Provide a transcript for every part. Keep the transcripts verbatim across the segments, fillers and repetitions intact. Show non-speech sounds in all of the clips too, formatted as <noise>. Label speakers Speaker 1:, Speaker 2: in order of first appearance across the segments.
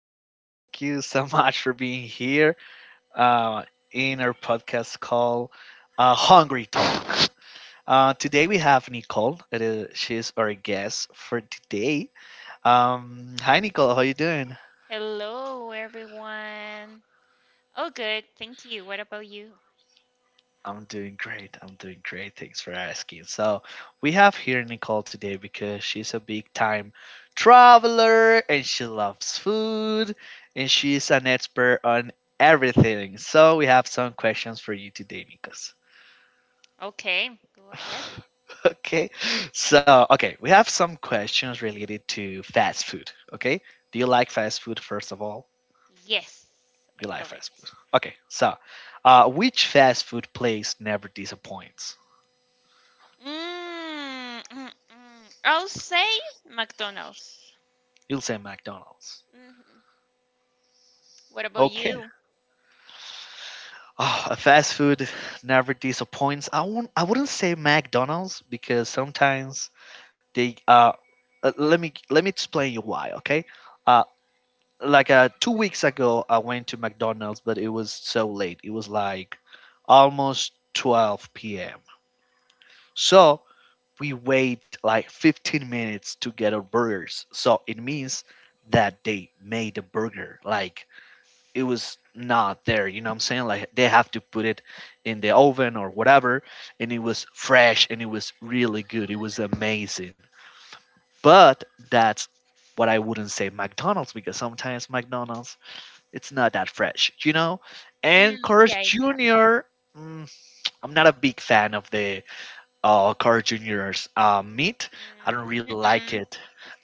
Speaker 1: here, uh, in our podcast called uh, Hungry Talk. Uh, today we have Nicole. It is she's our guest for today. Um, hi, Nicole. How you doing?
Speaker 2: Hello, everyone. Oh, good. Thank you. What about you?
Speaker 1: I'm doing great. I'm doing great. Thanks for asking. So, we have here Nicole today because she's a big time traveler and she loves food and she's an expert on everything. So, we have some questions for you today, Nikos.
Speaker 2: Okay, go ahead.
Speaker 1: <laughs> Okay. So, okay, we have some questions related to fast food. Okay. Do you like fast food, first of all?
Speaker 2: Yes,
Speaker 1: Do you
Speaker 2: I
Speaker 1: like
Speaker 2: love it.
Speaker 1: fast food? Okay. So, uh, which fast food place never disappoints?
Speaker 2: Mm, mm, mm. I'll say McDonald's.
Speaker 1: You'll say McDonald's.
Speaker 2: Hmm. What about
Speaker 1: Okay.
Speaker 2: you?
Speaker 1: Ah, a fast food never disappoints. I won't, I wouldn't say McDonald's because sometimes they uh uh, let me let me explain you why, okay? Uh like uh two weeks ago I went to McDonald's, but it was so late. It was like almost twelve p m. So, we wait like fifteen minutes to get our burgers. So, it means that they made a burger, like it was not there, you know what I'm saying, like they have to put it in the oven or whatever, and it was fresh and it was really good, it was amazing. But that's what, I wouldn't say McDonald's, because sometimes McDonald's, it's not that fresh, you know.
Speaker 2: Mm,
Speaker 1: And Cars
Speaker 2: yeah, it happened.
Speaker 1: Junior. mm, I'm not a big fan of the uh, Cars Junior's uh, meat. I don't really
Speaker 2: Mm,
Speaker 1: like
Speaker 2: mm-mm,
Speaker 1: it.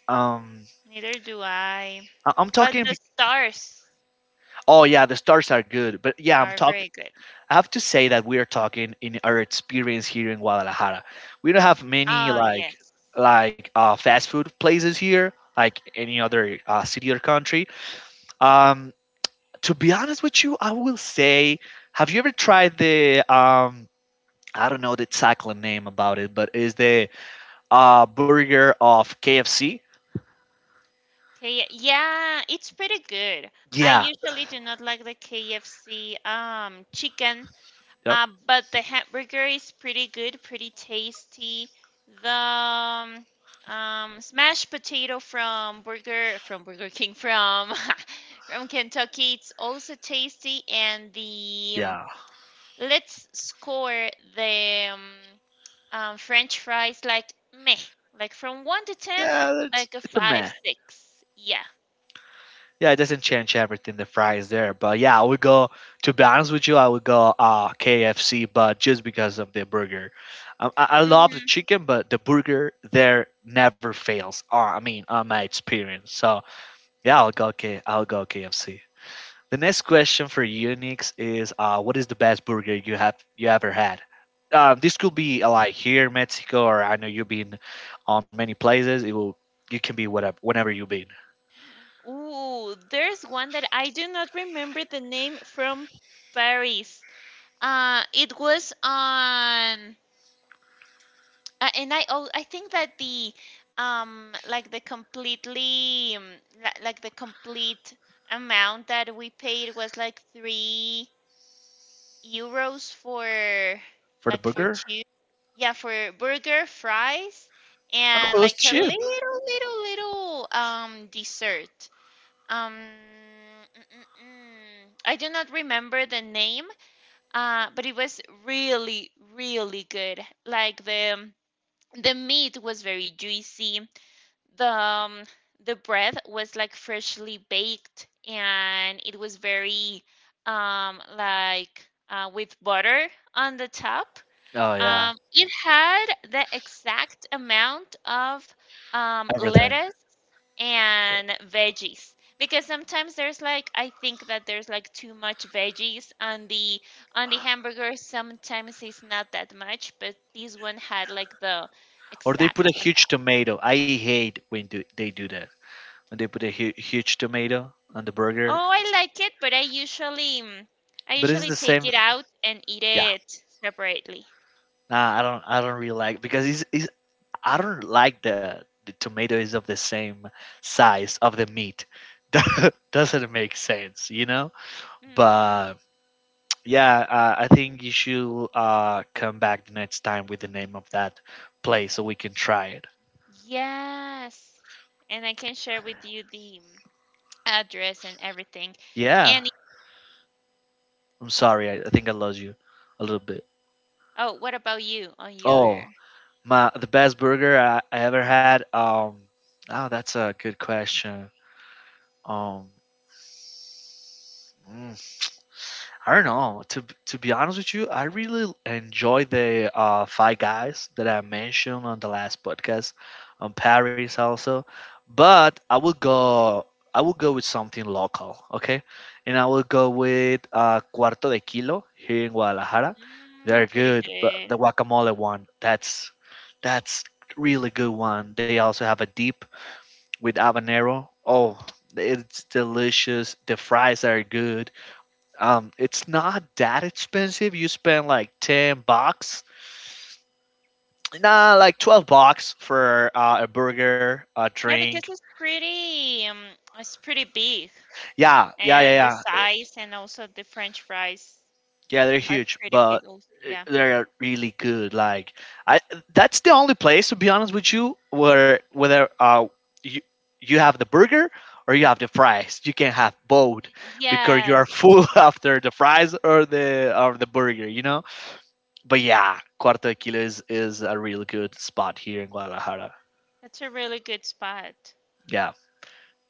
Speaker 1: um
Speaker 2: neither do I.
Speaker 1: I- i'm
Speaker 2: But
Speaker 1: talking
Speaker 2: the
Speaker 1: be-
Speaker 2: stars
Speaker 1: oh yeah, the stars are good, but yeah, I'm
Speaker 2: are
Speaker 1: talking.
Speaker 2: very good.
Speaker 1: I have to say that we are talking in our experience here in Guadalajara. We don't have many
Speaker 2: Oh,
Speaker 1: like
Speaker 2: yes.
Speaker 1: like uh, fast food places here, like any other uh, city or country. Um, to be honest with you, I will say, have you ever tried the um, I don't know the exact name about it, but is the uh, burger of K F C?
Speaker 2: Okay, yeah, it's pretty good. I
Speaker 1: Yeah.
Speaker 2: usually do not like the K F C um chicken.
Speaker 1: Yep.
Speaker 2: Um, but the hamburger is pretty good, pretty tasty. The um, um, smashed potato from Burger from Burger King from <laughs> from Kentucky, it's also tasty. And the um,
Speaker 1: Yeah.
Speaker 2: let's score the um, um, French fries like meh, like from one to ten,
Speaker 1: Yeah. It's
Speaker 2: like a
Speaker 1: it's a meh.
Speaker 2: five, six. Yeah.
Speaker 1: Yeah, it doesn't change everything. The fries there, but yeah, I would go. To be honest with you, I would go uh, K F C, but just because of the burger. Um, I, I love the
Speaker 2: Mm-hmm.
Speaker 1: chicken, but the burger there never fails. Uh, I mean, on my experience. So yeah, I'll go K. I'll go K F C. The next question for you, Nix, is uh, what is the best burger you have you ever had? Uh, this could be uh, like here,
Speaker 2: Mhm.
Speaker 1: Mexico, or I know you've been on many places. It will. You can be whatever, whenever you've been.
Speaker 2: Ooh, there's one that I do not remember the name from Paris. Uh, it was on, uh, and I al- I think that the um like the completely um, li- like the complete amount that we paid was like three euros for
Speaker 1: For the
Speaker 2: like for
Speaker 1: burger.
Speaker 2: two, yeah, for burger fries
Speaker 1: Oh,
Speaker 2: and
Speaker 1: it's
Speaker 2: like a
Speaker 1: cheap.
Speaker 2: little little little um dessert. um mm, mm, mm. I do not remember the name. Uh, but it was really, really good. Like the the meat was very juicy. The um, the bread was like freshly baked, and it was very um like uh, with butter on the top.
Speaker 1: Oh yeah,
Speaker 2: Um, it had the exact amount of um,
Speaker 1: everything.
Speaker 2: lettuce and veggies, because sometimes there's like I think that there's like too much veggies on the on the hamburger. Sometimes it's not that much, but this one had like the
Speaker 1: Or they put a
Speaker 2: exact amount.
Speaker 1: huge tomato. I hate when do, they do that. When they put a hu- huge tomato on the burger.
Speaker 2: Oh, I like it, but I usually mm, I
Speaker 1: But it's
Speaker 2: usually
Speaker 1: the
Speaker 2: take
Speaker 1: same.
Speaker 2: it out and eat
Speaker 1: Yeah.
Speaker 2: it separately.
Speaker 1: Nah, I don't. I don't really like, because it's. it's, I don't like the the tomato is of the same size of the meat. Doesn't make sense, you know.
Speaker 2: Mm-hmm.
Speaker 1: But yeah, uh, I think you should uh, come back the next time with the name of that place so we can try it.
Speaker 2: Yes. And I can share with you the mm, address and everything.
Speaker 1: Yeah.
Speaker 2: And
Speaker 1: I'm sorry. I, I think I lost you a little bit.
Speaker 2: oh, what about you on your?
Speaker 1: Oh, my the best burger I, I ever had. Um, oh, that's a good question. Um, mm, I don't know. To b- to be honest with you, I really enjoy the uh, Five Guys that I mentioned on the last podcast on Paris also, but I will go. I will go with something local, okay? And I will go with uh, Cuarto de Kilo here in Guadalajara. They're
Speaker 2: Mm, pretty
Speaker 1: good, but the
Speaker 2: good.
Speaker 1: guacamole one, that's that's really good one. They also have a dip with habanero. Oh, it's delicious. The fries are good, um, it's not that expensive. You spend like ten bucks, nah, like twelve bucks for uh, a burger, a
Speaker 2: Yeah,
Speaker 1: drink.
Speaker 2: because it's pretty um it's pretty big,
Speaker 1: Yeah, yeah,
Speaker 2: and the
Speaker 1: yeah, yeah,
Speaker 2: size and also the French fries
Speaker 1: yeah. They're
Speaker 2: are
Speaker 1: huge,
Speaker 2: pretty
Speaker 1: but
Speaker 2: big also.
Speaker 1: i-
Speaker 2: Yeah.
Speaker 1: they're really good. Like, I that's the only place, to be honest with you, where whether uh you you have the burger or you have the fries, you can have both because you are
Speaker 2: Yes,
Speaker 1: full <laughs> after the fries or the or the burger. You know. But yeah, Cuarto de Kilo is, is a real good spot here in Guadalajara.
Speaker 2: that's a really good spot.
Speaker 1: Yeah.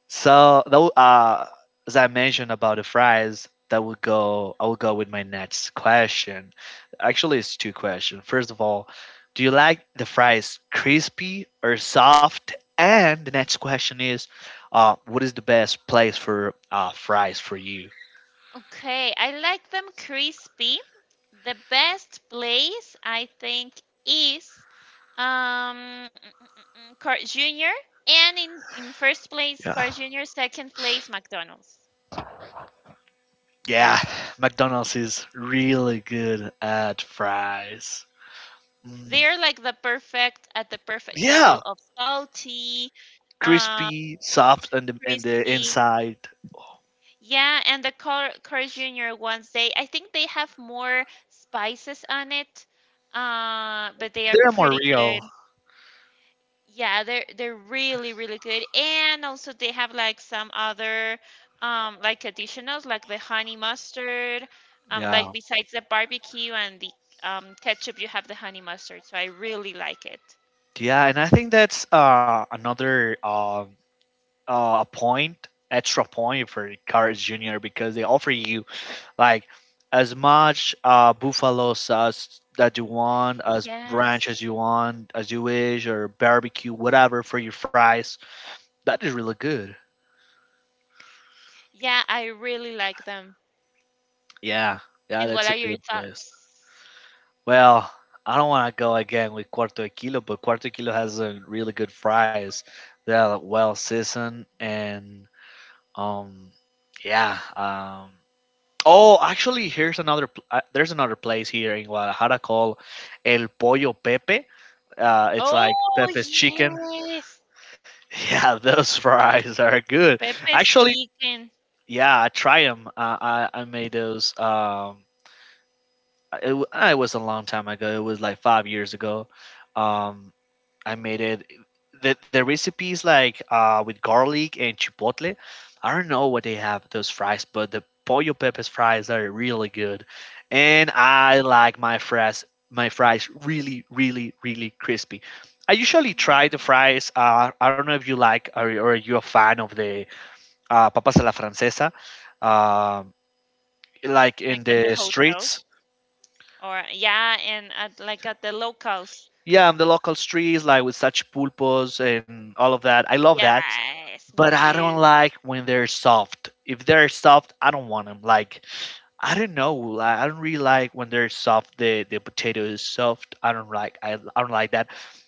Speaker 1: So though, uh, as I mentioned about the fries, that would go. I will go with my next question. Actually, it's two questions. First of all, do you like the fries crispy or soft? And the next question is, uh, what is the best place for uh, fries for you?
Speaker 2: Okay, I like them crispy. The best place I think is um Carl Junior, and in in first place
Speaker 1: Yeah.
Speaker 2: Carl Junior, second place McDonald's.
Speaker 1: Yeah, McDonald's is really good at fries. Mm,
Speaker 2: They are like the perfect at the perfect level
Speaker 1: yeah,
Speaker 2: of salty, uh,
Speaker 1: crispy, soft on the and the
Speaker 2: crispy.
Speaker 1: inside.
Speaker 2: Yeah, and the Carl, Carl Junior ones, they I think they have more spices on it. Uh, but they are
Speaker 1: They're more
Speaker 2: pretty good.
Speaker 1: real.
Speaker 2: Yeah, they're they're really really good, and also they have like some other um like additionals like the honey mustard, um like
Speaker 1: Yeah,
Speaker 2: besides the barbecue and the um ketchup, you have the honey mustard. So I really like it.
Speaker 1: yeah, and I think that's uh, another um, uh, a point, extra point for Carl's Junior because they offer you like as much uh, buffalo sauce that you want, as ranch
Speaker 2: Yes.
Speaker 1: as you want, as you wish, or barbecue, whatever for your fries. That is really good.
Speaker 2: Yeah, I really like them.
Speaker 1: Yeah, yeah,
Speaker 2: And what
Speaker 1: that's
Speaker 2: are
Speaker 1: a
Speaker 2: your
Speaker 1: good place.
Speaker 2: thoughts?
Speaker 1: Well, I don't want to go again with Cuarto de Kilo, but Cuarto de Kilo has a really good fries. They're well seasoned and um yeah, um oh, actually, here's another. Pl- Uh, there's another place here in Guadalajara called El Pollo Pepe. Uh, it's like
Speaker 2: Oh
Speaker 1: Pepe's chicken. <laughs>
Speaker 2: yes,
Speaker 1: Yeah, those fries are good.
Speaker 2: Pepe's
Speaker 1: Actually,
Speaker 2: chicken.
Speaker 1: yeah, I try them. Uh, I I made those. Um, it, w- uh, it was a long time ago. It was like five years ago. Um, I made it. The, the recipes like uh, with garlic and chipotle. I don't know what they have those fries, but the pollo peppers fries are really good, and I like my fries, my fries really really really crispy. I usually try the
Speaker 2: Mhm.
Speaker 1: fries. Uh, I don't know if you like, or or you're a fan of the uh, papas a la francesa, um, like in
Speaker 2: Like at the
Speaker 1: the
Speaker 2: hotels,
Speaker 1: streets.
Speaker 2: or yeah, and at like at the locals.
Speaker 1: Yeah, in the local streets, like with such pulpos and all of that. I love that.
Speaker 2: Yes,
Speaker 1: But
Speaker 2: me
Speaker 1: I don't
Speaker 2: too.
Speaker 1: like when they're soft. If they're soft, I don't want them. Like, I don't know. Like, I don't really like when they're soft. The the potato is soft. I don't like. I, I don't like that.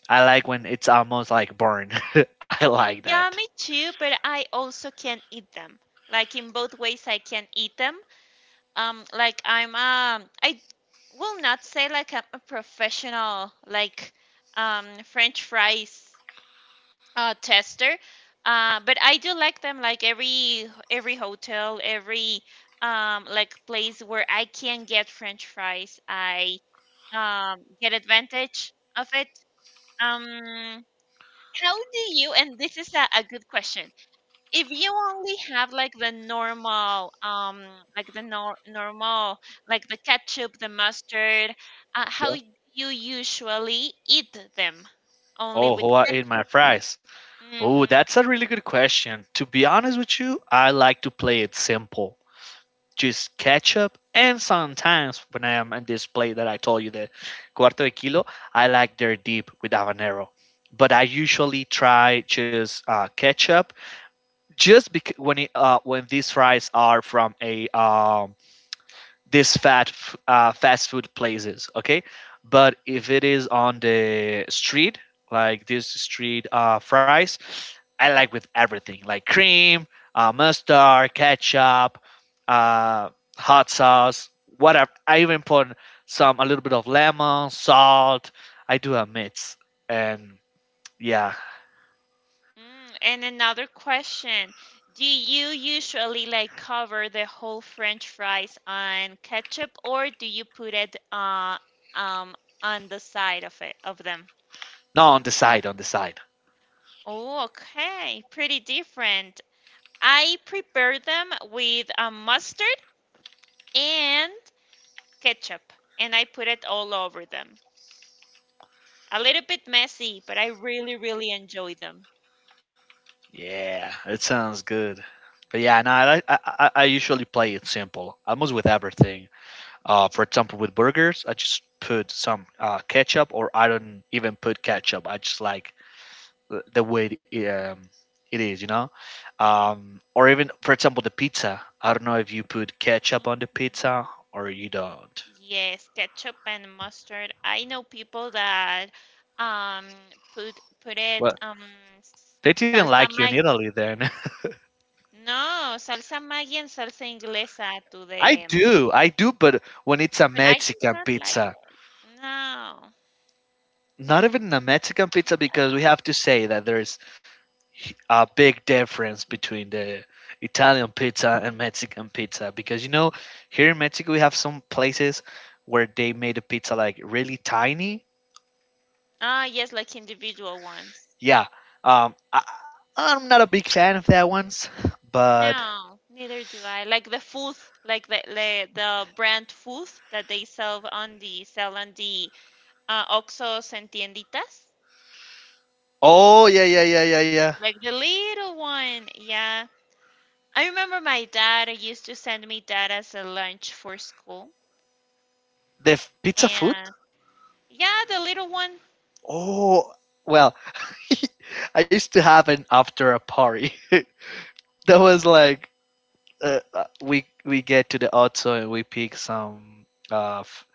Speaker 1: I like when it's almost like burned. <laughs> I like
Speaker 2: Yeah,
Speaker 1: that.
Speaker 2: me too, but I also can eat them. Like in both ways I can eat them. Um like I'm um I will not say like I'm a professional, like um French fries uh tester. Uh, but I do like them like every every hotel, every um like place where I can get French fries, I um get advantage of it. Um, how do you, and this is a, a good question, if you only have like the normal, um, like the nor normal, like the ketchup, the mustard, uh, how
Speaker 1: Yeah.
Speaker 2: y- you usually eat them? Only
Speaker 1: Oh,
Speaker 2: with
Speaker 1: how I eat my
Speaker 2: ketchup?
Speaker 1: fries. Oh,
Speaker 2: Mm-hmm.
Speaker 1: that's a really good question. To be honest with you, I like to play it simple. Just ketchup, and sometimes when I am in this plate that I told you, the Cuarto de Kilo, I like their dip with habanero. But I usually try just uh, ketchup, just because when it, uh, when these fries are from a um, this fat uh, fast food places, okay. But if it is on the street, like this street uh, fries, I like with everything, like cream, uh, mustard, ketchup, uh, hot sauce, whatever. I even put some, a little bit of lemon salt. I do a mix. And yeah.
Speaker 2: Mm. And another question, do you usually like cover the whole French fries on ketchup, or do you put it uh, um, on the side of it, of them?
Speaker 1: No, on the side, on the side.
Speaker 2: Oh, okay. Pretty different. I prepare them with a mustard and ketchup, and I put it all over them. A little bit messy, but I really, really enjoy them.
Speaker 1: Yeah, it sounds good. But yeah, no, I, like, I I I usually play it simple, almost with everything. Uh, for example, with burgers, I just put some uh, ketchup, or I don't even put ketchup. I just like the- the way it, um, it is, you know. Um, or even, for example, the pizza. I don't know if you put ketchup on the
Speaker 2: Hmm.
Speaker 1: pizza or you don't.
Speaker 2: Yes, ketchup and mustard. I know people that um put put it
Speaker 1: Well,
Speaker 2: um s-
Speaker 1: they didn't
Speaker 2: salsa
Speaker 1: like you in
Speaker 2: mag
Speaker 1: Italy then. <laughs>
Speaker 2: no, salsa Maggi and salsa inglesa to
Speaker 1: I
Speaker 2: them.
Speaker 1: do, I do, but when it's a
Speaker 2: But I did
Speaker 1: Mexican
Speaker 2: not like
Speaker 1: pizza,
Speaker 2: it. No.
Speaker 1: not even a Mexican pizza, because we have to say that there is a big difference between the Italian pizza and Mexican pizza, because you know here in Mexico we have some places where they made the pizza like really tiny.
Speaker 2: Ah, yes, like individual ones.
Speaker 1: Yeah, um, I, I'm not a big fan of that ones, but
Speaker 2: No, neither do I. Like the food, like the the, the brand food that they sell on the sell on the uh, Oxxos and tienditas,
Speaker 1: oh yeah yeah yeah yeah yeah.
Speaker 2: like the little one. Yeah, I remember my dad used to send me that as a lunch for school,
Speaker 1: The f- pizza food.
Speaker 2: and yeah, the little one,
Speaker 1: Oh well, <laughs> I used to have an after a party <laughs> that was like uh, uh, we we get to the auto and we pick some uh, f-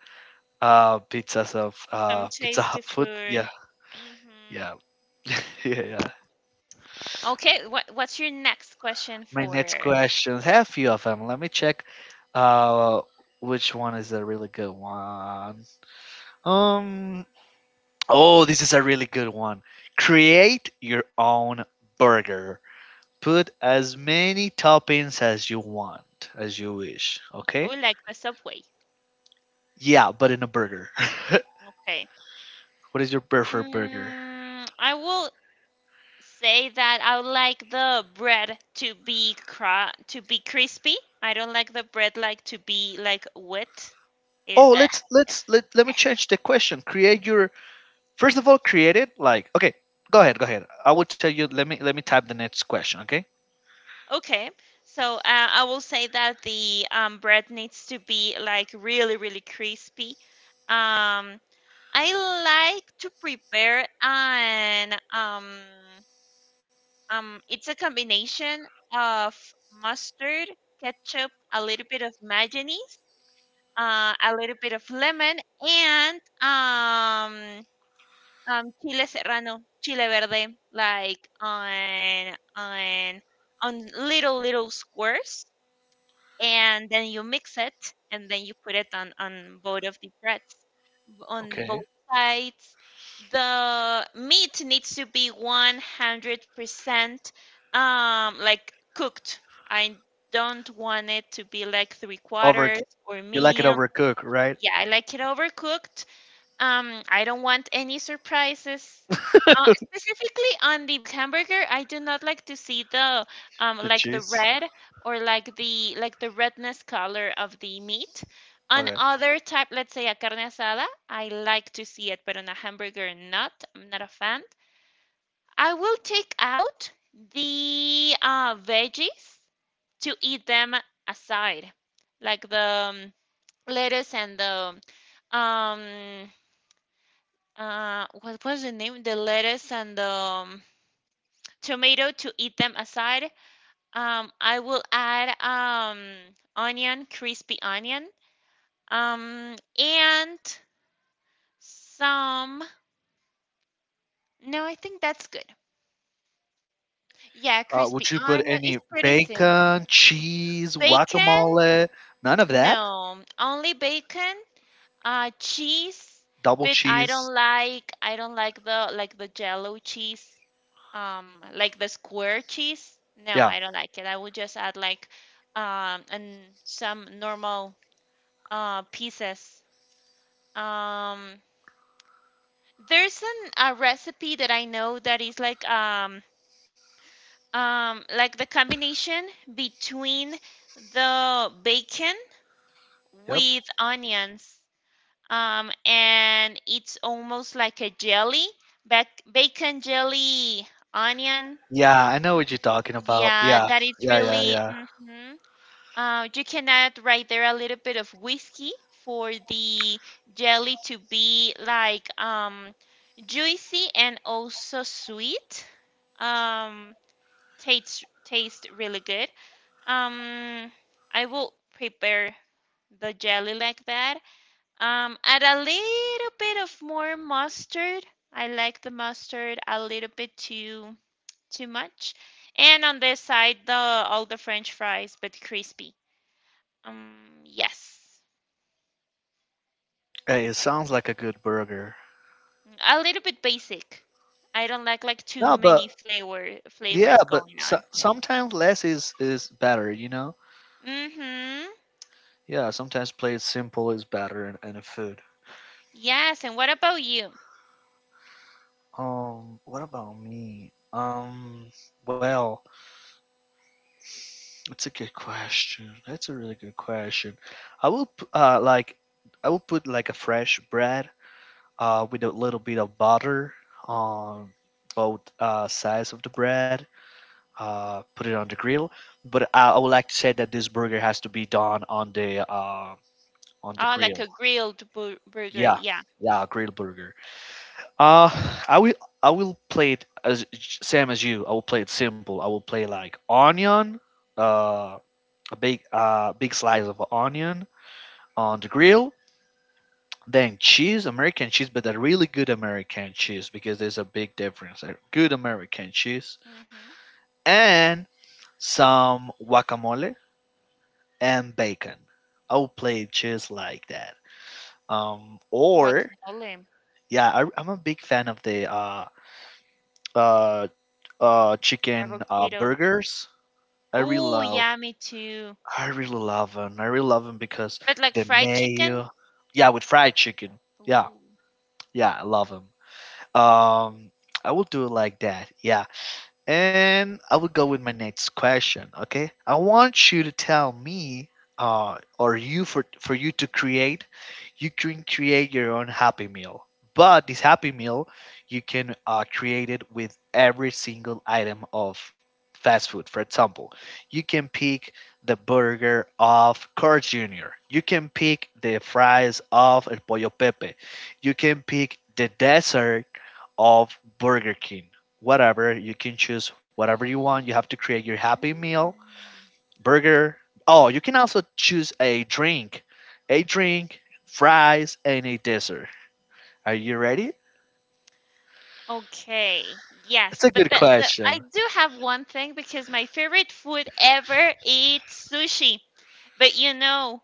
Speaker 1: Uh, pizzas of
Speaker 2: some
Speaker 1: uh, Pizza
Speaker 2: tasty
Speaker 1: Hut food.
Speaker 2: food.
Speaker 1: Yeah,
Speaker 2: Mm-hmm.
Speaker 1: yeah, <laughs> yeah, yeah.
Speaker 2: Okay, what what's your next question
Speaker 1: My next
Speaker 2: for?
Speaker 1: questions have a few of them. Let me check. Uh, which one is a really good one? Um. Oh, this is a really good one. Create your own burger. Put as many toppings as you want, as you wish.
Speaker 2: Oh,
Speaker 1: Okay.
Speaker 2: like the subway.
Speaker 1: Yeah, but in a burger. <laughs>
Speaker 2: Okay.
Speaker 1: What is your preferred burger?
Speaker 2: Mm, I will say that I would like the bread to be cra to be crispy. I don't like the bread like to be like wet. It,
Speaker 1: Oh,
Speaker 2: uh,
Speaker 1: let's let's let, let me change the question. Create your, first of all, create it like okay. Go ahead, go ahead. I will tell you. Let me let me type the next question. Okay.
Speaker 2: okay, so uh, I will say that the um, bread needs to be like really, really crispy. Um, I like to prepare an um, um, it's a combination of mustard, ketchup, a little bit of mayonnaise, uh, a little bit of lemon, and um, um, chile serrano, chile verde, like on on on little little squares, and then you mix it, and then you put it on on both of the breads, on
Speaker 1: Okay.
Speaker 2: both sides. The meat needs to be one hundred percent um like cooked. I don't want it to be like three
Speaker 1: Over.
Speaker 2: quarters or
Speaker 1: You like it
Speaker 2: medium.
Speaker 1: overcooked, right?
Speaker 2: Yeah, I like it overcooked. Um, I don't want any surprises. Uh, specifically on the hamburger, I do not like to see the um
Speaker 1: The
Speaker 2: like the
Speaker 1: cheese.
Speaker 2: red or like the like the redness color of the meat. On
Speaker 1: Okay.
Speaker 2: other type, let's say a carne asada, I like to see it, but on a hamburger, not. I'm not a fan. I will take out the uh, veggies to eat them aside, like the um, lettuce and the um uh what was the name? The lettuce and the um, tomato to eat them aside. Um, I will add um onion, crispy onion, um and some. No, I think that's good. Yeah,
Speaker 1: Uh,
Speaker 2: crispy
Speaker 1: would you put
Speaker 2: onion.
Speaker 1: any
Speaker 2: It's pretty
Speaker 1: bacon,
Speaker 2: simple.
Speaker 1: cheese,
Speaker 2: Bacon?
Speaker 1: guacamole? None of that.
Speaker 2: No, only bacon. Uh, cheese,
Speaker 1: Double
Speaker 2: but I
Speaker 1: cheese.
Speaker 2: don't like I don't like the like the jello cheese, um, like the square cheese. No,
Speaker 1: Yeah.
Speaker 2: I don't like it. I would just add like um and some normal uh pieces. Um, there's an a recipe that I know that is like um um like the combination between the bacon
Speaker 1: Yep.
Speaker 2: with onions, um, and it's almost like a jelly, bac- bacon jelly, onion.
Speaker 1: Yeah, I know what you're talking about.
Speaker 2: Yeah,
Speaker 1: Yeah.
Speaker 2: that is
Speaker 1: Yeah. Yeah.
Speaker 2: really.
Speaker 1: Yeah.
Speaker 2: Mhm. Uh, you can add right there a little bit of whiskey for the jelly to be like um, juicy and also sweet. Um, tastes tastes really good. Um, I will prepare the jelly like that. Um, add a little bit of more mustard. I like the mustard a little bit too too much. And on this side, the all the French fries, but crispy. Um, yes,
Speaker 1: Hey, it sounds like a good burger.
Speaker 2: a little bit basic. I don't like like too
Speaker 1: No,
Speaker 2: many
Speaker 1: but
Speaker 2: flavor
Speaker 1: yeah,
Speaker 2: flavors
Speaker 1: but
Speaker 2: going
Speaker 1: so,
Speaker 2: on.
Speaker 1: sometimes less is is better. You know.
Speaker 2: Mm-hmm.
Speaker 1: Yeah. Sometimes play it simple is better in, in a food.
Speaker 2: Yes, and what about you?
Speaker 1: Um, what about me? Um, well, that's a good question. That's a really good question. I will p- uh like I will put like a fresh bread uh with a little bit of butter on both uh sides of the bread. Uh, put it on the grill. But I, I would like to say that this burger has to be done on the uh on the
Speaker 2: Oh, like
Speaker 1: grill.
Speaker 2: a grilled bur burger.
Speaker 1: Yeah,
Speaker 2: Yeah.
Speaker 1: yeah, grill burger. Uh, I will I will play it as same as you. I will play it simple. I will play like onion, uh, a big uh big slice of onion on the grill, then cheese, American cheese, but a really good American cheese because there's a big difference. A good American cheese
Speaker 2: Mm-hmm.
Speaker 1: and some guacamole and bacon. I will play it just like that. Um, or
Speaker 2: Guacamole,
Speaker 1: yeah, I, I'm a big fan of the uh uh uh chicken uh
Speaker 2: avocado.
Speaker 1: burgers. I really
Speaker 2: Oh,
Speaker 1: love
Speaker 2: yeah, me too.
Speaker 1: I really love them. I really love them because
Speaker 2: But like
Speaker 1: the
Speaker 2: fried chicken.
Speaker 1: mayo. Yeah, with fried chicken. Yeah,
Speaker 2: Ooh.
Speaker 1: yeah, I love them. Um, I will do it like that. Yeah. And I will go with my next question. Okay, I want you to tell me, uh, or you for for you to create, you can create your own Happy Meal. But this Happy Meal, you can uh, create it with every single item of fast food. For example, you can pick the burger of Carl Jr. You can pick the fries of El Pollo Pepe. You can pick the dessert of Burger King whatever. You can choose whatever you want. You have to create your
Speaker 2: <gasps>
Speaker 1: happy meal,
Speaker 2: Mm.
Speaker 1: burger. Oh, you can also choose a drink, a drink, fries, and a dessert. Are you ready?
Speaker 2: Okay,
Speaker 1: That's
Speaker 2: yes,
Speaker 1: a
Speaker 2: but
Speaker 1: good
Speaker 2: the, the, I
Speaker 1: question.
Speaker 2: do have one thing, because my favorite food ever is sushi. But you know,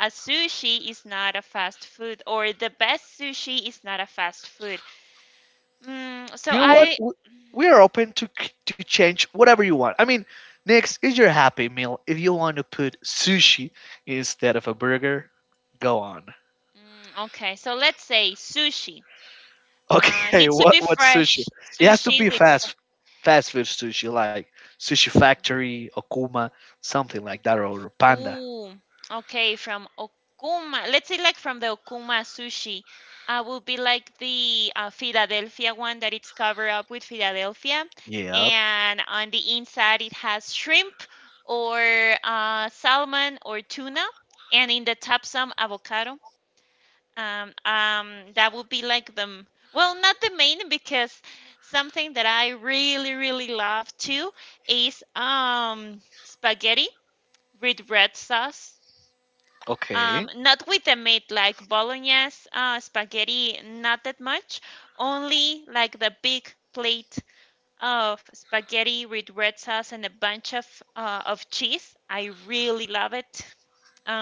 Speaker 2: a sushi is not a fast food, or the best sushi is not a fast food. Mm, so
Speaker 1: You know what?
Speaker 2: I,
Speaker 1: W- We are open to c- to change whatever you want. I mean, next is your happy meal. If you want to put sushi instead of a burger, go on.
Speaker 2: mm, okay, so let's say sushi. Uh,
Speaker 1: Okay, <laughs>
Speaker 2: needs to
Speaker 1: what
Speaker 2: be
Speaker 1: what
Speaker 2: fresh
Speaker 1: sushi? It has to
Speaker 2: sushi
Speaker 1: be
Speaker 2: with.
Speaker 1: fast fast food sushi, like Sushi Factory, Okuma, something like that, or Panda.
Speaker 2: Ooh, okay, from Okuma. Let's say like from the Okuma sushi, uh, would be like the uh, Philadelphia one that it's covered up with Philadelphia,
Speaker 1: Yep.
Speaker 2: and on the inside it has shrimp or uh, salmon or tuna, and in the top some avocado. Um, um, that would be like the m- well, not the main, because something that I really really love too is um spaghetti with red sauce.
Speaker 1: Okay.
Speaker 2: Um, not with the meat like bolognese, uh, spaghetti, not that much. Only like the big plate of spaghetti with red sauce and a bunch of uh, of cheese. I really love it.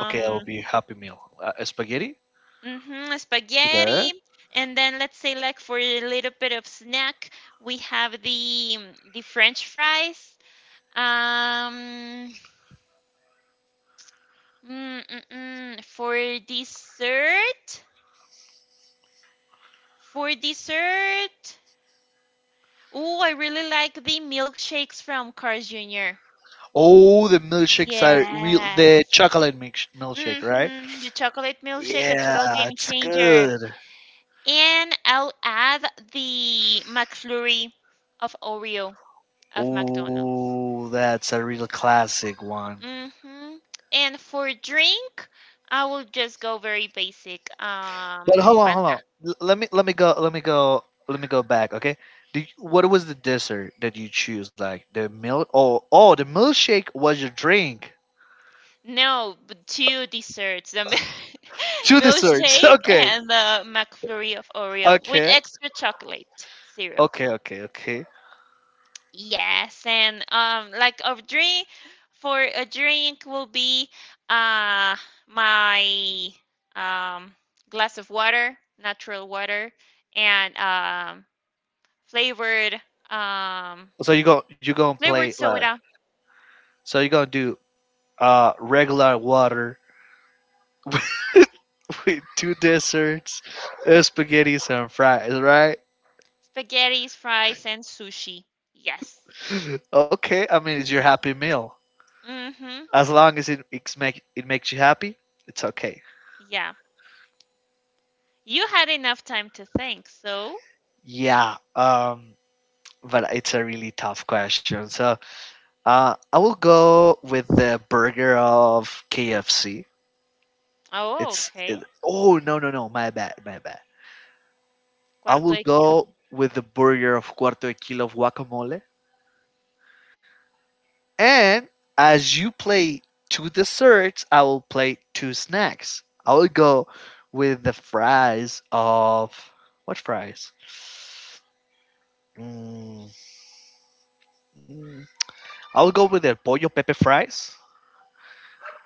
Speaker 1: Okay, it'll be Happy Meal. Uh, spaghetti.
Speaker 2: mhm,
Speaker 1: Okay.
Speaker 2: spaghetti, and then let's say like for a little bit of snack, we have the the French fries. Um, mm, mm, mm. For dessert, for dessert. Oh, I really like the milkshakes from Cars Junior
Speaker 1: Oh, the milkshakes are real. The
Speaker 2: Yes.
Speaker 1: chocolate milksh- milkshake, right?
Speaker 2: Mm-hmm. The chocolate milkshake, a total
Speaker 1: Yeah,
Speaker 2: game
Speaker 1: it's
Speaker 2: changer.
Speaker 1: good.
Speaker 2: And I'll add the McFlurry of Oreo of McDonald's.
Speaker 1: Oh, that's a real classic one.
Speaker 2: Mm-hmm. And for drink, I will just go very basic.
Speaker 1: But
Speaker 2: Um,
Speaker 1: hold on, hold
Speaker 2: Fanta.
Speaker 1: on. L- let me let me go let me go let me go back. Okay, Did, what was the dessert that you choose? Like the milk? Oh, oh, the milkshake was your drink.
Speaker 2: No, but two desserts, the mil- <laughs>
Speaker 1: Two desserts. <laughs>
Speaker 2: milkshake
Speaker 1: Okay,
Speaker 2: and the McFlurry of Oreo with
Speaker 1: okay,
Speaker 2: extra chocolate syrup.
Speaker 1: okay, okay, okay.
Speaker 2: Yes, and um, like a drink for a drink will be uh my um glass of water, natural water, and um flavored um
Speaker 1: So you go you gonna play
Speaker 2: flavored
Speaker 1: like
Speaker 2: soda,
Speaker 1: so you gonna do uh regular water <laughs> with two desserts, uh, spaghetti and fries, right?
Speaker 2: spaghetti, fries, and sushi. Yes.
Speaker 1: <laughs> Okay, I mean it's your happy meal.
Speaker 2: Mm-hmm.
Speaker 1: As long as it it's make it makes you happy, it's okay.
Speaker 2: Yeah. You had enough time to think, so.
Speaker 1: Yeah. Um but it's a really tough question. So uh, I will go with the burger of K F C.
Speaker 2: Oh,
Speaker 1: It's
Speaker 2: okay.
Speaker 1: it, oh no, no, no, my bad, my bad. I
Speaker 2: Cuarto
Speaker 1: will
Speaker 2: de Kilo.
Speaker 1: go with the burger of cuarto de kilo of guacamole. And as you play two desserts, I will play two snacks. I will go with the fries of what fries? Mm, mm. I will go with the pollo pepe fries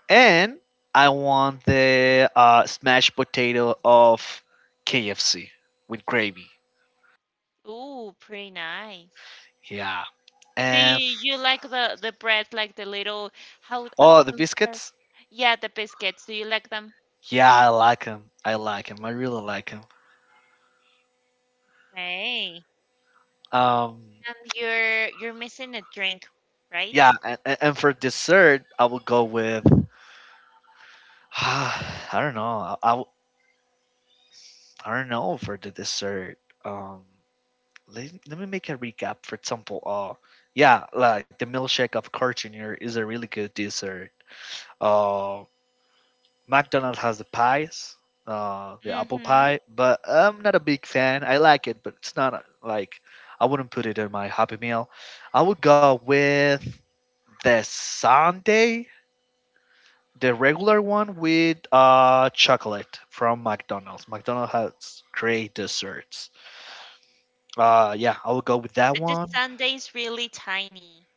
Speaker 1: and I want the uh, smashed potato of K F C with gravy.
Speaker 2: Ooh, pretty nice.
Speaker 1: Yeah,
Speaker 2: Do
Speaker 1: and
Speaker 2: you you like the the bread, like the little how uh,
Speaker 1: oh, the
Speaker 2: those are?
Speaker 1: biscuits.
Speaker 2: Yeah, the biscuits. Do you like them?
Speaker 1: Yeah, I like them. I like them. I really like them.
Speaker 2: Hey,
Speaker 1: Um,
Speaker 2: and you're you're missing a drink,
Speaker 1: yeah,
Speaker 2: right?
Speaker 1: and, and for dessert, I will go with. <sighs> I don't know. I, I, w- I don't know for the dessert. Um, let, let me make a recap. For example, uh, yeah, like the milkshake of Carl Jr. is a really good dessert. Um, McDonald's has the pies, uh, the apple
Speaker 2: Mm-hmm.
Speaker 1: pie, but I'm not a big fan. I like it, but it's not uh, like I wouldn't put it in my Happy Meal. I would go with the sundae, the regular one with uh, chocolate from McDonald's. McDonald's has great desserts. Uh, yeah, I would go with that
Speaker 2: But the
Speaker 1: one.
Speaker 2: sundae's really tiny.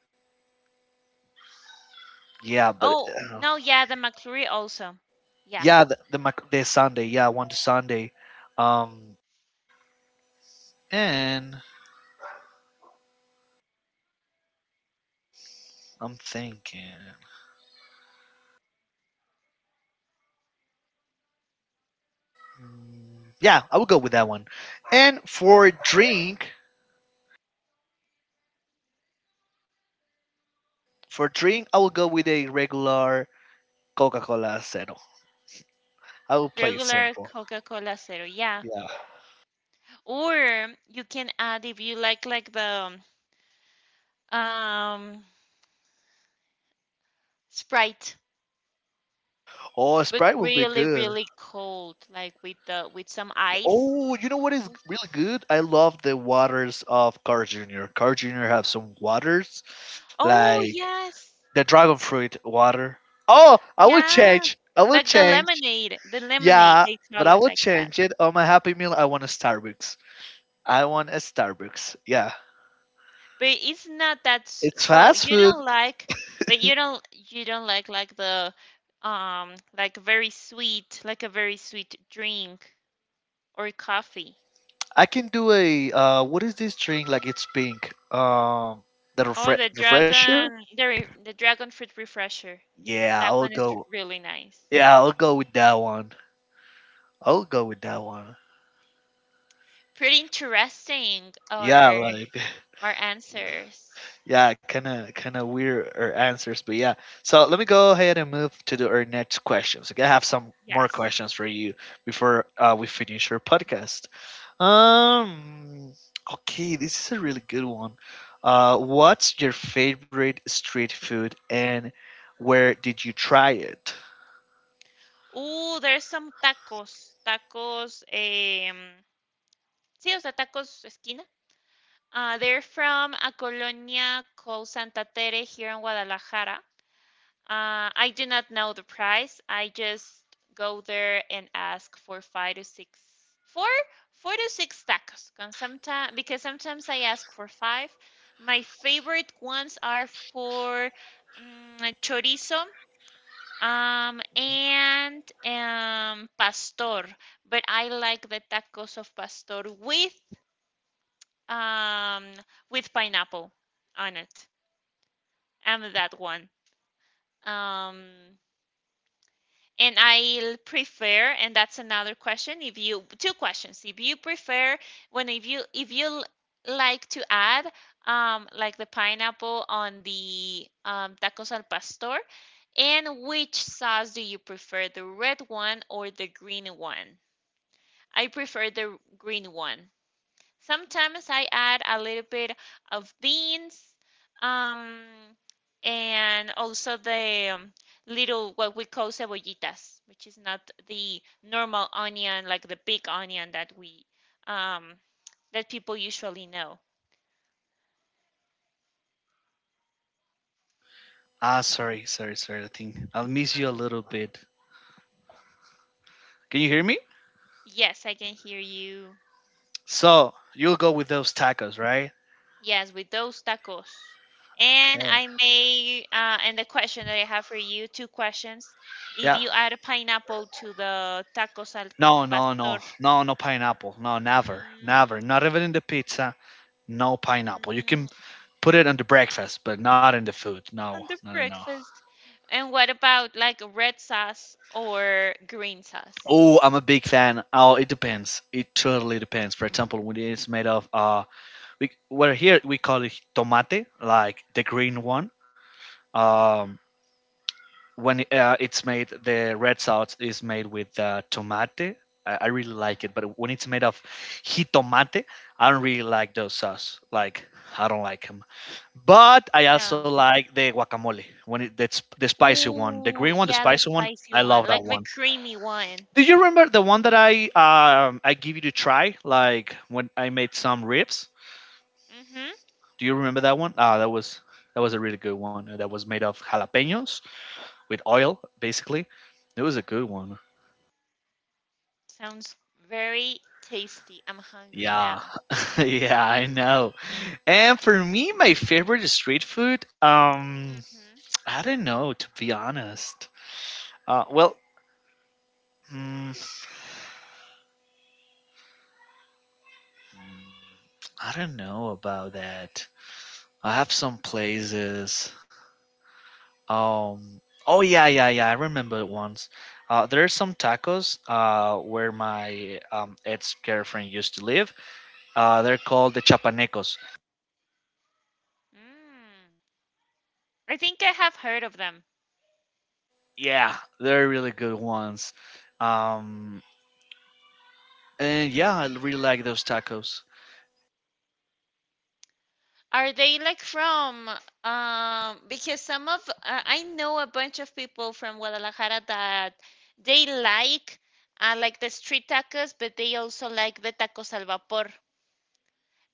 Speaker 1: Yeah, but
Speaker 2: Oh,
Speaker 1: uh,
Speaker 2: no, yeah, the McFlurry also. Yeah,
Speaker 1: yeah, the the, Mac- the Sunday. Yeah, I want the Sunday. Um, and I'm thinking. Yeah, I will go with that one. And for drink, for drink, I will go with a regular Coca-Cola Zero. I will play it
Speaker 2: regular
Speaker 1: simple.
Speaker 2: Coca-Cola Zero. Yeah.
Speaker 1: Yeah.
Speaker 2: Or you can add if you like like the um Sprite,
Speaker 1: Oh,
Speaker 2: but
Speaker 1: Sprite will be
Speaker 2: really
Speaker 1: good.
Speaker 2: really cold, like with the with some ice.
Speaker 1: Oh, you know what is really good? I love the waters of Car Junior. Car Junior have some waters,
Speaker 2: Oh,
Speaker 1: like
Speaker 2: yes.
Speaker 1: the dragon fruit water. Oh, I will
Speaker 2: Yeah.
Speaker 1: change. I will
Speaker 2: Like the
Speaker 1: change.
Speaker 2: lemonade, the lemonade,
Speaker 1: Yeah,
Speaker 2: they
Speaker 1: but
Speaker 2: call
Speaker 1: I
Speaker 2: it
Speaker 1: will
Speaker 2: like that.
Speaker 1: change it on my Happy Meal. I want a Starbucks. I want a Starbucks. Yeah.
Speaker 2: But it's not that, s-
Speaker 1: It's
Speaker 2: well,
Speaker 1: fast
Speaker 2: you
Speaker 1: food.
Speaker 2: don't like, but you don't, you don't like like the, um, like very sweet, like a very sweet drink or coffee.
Speaker 1: I can do a uh, what is this drink? Like it's pink. Um, the
Speaker 2: Oh,
Speaker 1: refre-
Speaker 2: the
Speaker 1: refresher.
Speaker 2: dragon, the re- the dragon fruit refresher.
Speaker 1: Yeah,
Speaker 2: That
Speaker 1: I'll
Speaker 2: one is
Speaker 1: go.
Speaker 2: really nice.
Speaker 1: Yeah, I'll go with that one. I'll go with that one.
Speaker 2: Pretty interesting,
Speaker 1: Yeah,
Speaker 2: our
Speaker 1: like
Speaker 2: our answers.
Speaker 1: <laughs> yeah, kind of kind of weird uh, answers, but yeah. So let me go ahead and move to the, our next questions. Okay, I have some more
Speaker 2: Yes.
Speaker 1: questions for you before uh, we finish our podcast. Um. Okay, this is a really good one. Uh, what's your favorite street food, and where did you try it?
Speaker 2: Uh, there's some tacos, tacos, um, sí, o sea, tacos esquina. Uh, they're from a colonia called Santa Tere here in Guadalajara. Uh, I do not know the price. I just go there and ask for five to six, four, four to six tacos. Cause sometimes, because sometimes I ask for five. My favorite ones are for um, chorizo um, and um, pastor, but I like the tacos of pastor with um with pineapple on it. And that one. Um, And I'll prefer, and that's another question. If you two questions, If you prefer, when if you if you like to add, um, like the pineapple on the um, tacos al pastor, and which sauce do you prefer, the red one or the green one? I prefer the green one. Sometimes I add a little bit of beans, um, and also the um, little what we call cebollitas, which is not the normal onion like the big onion that we um, that people usually know.
Speaker 1: Ah, sorry, sorry, sorry. I think I'll miss you a little bit. Can you hear me?
Speaker 2: Yes, I can hear you.
Speaker 1: So you'll go with those tacos, right?
Speaker 2: Yes, with those tacos. And
Speaker 1: Okay.
Speaker 2: I may, uh, and the question that I have for you, two questions. If
Speaker 1: Yeah.
Speaker 2: you add a pineapple to the tacos al
Speaker 1: No, no,
Speaker 2: pastor,
Speaker 1: no, no, no pineapple. No, never,
Speaker 2: mm,
Speaker 1: never. Not even in the pizza. No pineapple. You can
Speaker 2: Mm,
Speaker 1: put it on the breakfast, but not in the food. No,
Speaker 2: on the
Speaker 1: no, no, no.
Speaker 2: breakfast. And what about like red sauce or green sauce?
Speaker 1: Oh, I'm a big fan. Oh, it depends. It totally depends. For example, when it's made of uh, we well here we call it tomate, like the green one. Um, when it, uh, it's made, the red sauce is made with uh, tomate. I, I really like it, but when it's made of jitomate, I don't really like those sauce. Like I don't like them. But I also
Speaker 2: No.
Speaker 1: like the guacamole when it that's the spicy one, the
Speaker 2: Ooh,
Speaker 1: green one, the
Speaker 2: yeah, the
Speaker 1: spicy one.
Speaker 2: spicy
Speaker 1: I
Speaker 2: one,
Speaker 1: love
Speaker 2: like
Speaker 1: that
Speaker 2: the
Speaker 1: one.
Speaker 2: creamy one.
Speaker 1: Do you remember the one that I um, I give you to try? Like when I made some ribs.
Speaker 2: Mm-hmm.
Speaker 1: Do you remember that one? Ah, that was that was a really good one. uh, That was made of jalapenos with oil, basically. It was a good one.
Speaker 2: Sounds very tasty. I'm hungry
Speaker 1: Yeah,
Speaker 2: now.
Speaker 1: <laughs> yeah, I know. And for me, my favorite street food. Um,
Speaker 2: Mm-hmm.
Speaker 1: I don't know to be honest. Uh, well, mm, I don't know about that. I have some places. Um. Oh yeah, yeah, yeah. I remember it once. Uh, there are some tacos uh, where my um, ex-girlfriend used to live. Uh, they're called the chapanecos.
Speaker 2: Mm. I think I have heard of them.
Speaker 1: Yeah, they're really good ones. Um, and yeah, I really like those tacos.
Speaker 2: Are they like from um because some of uh, I know a bunch of people from Guadalajara that they like uh, like the street tacos, but they also like the tacos al vapor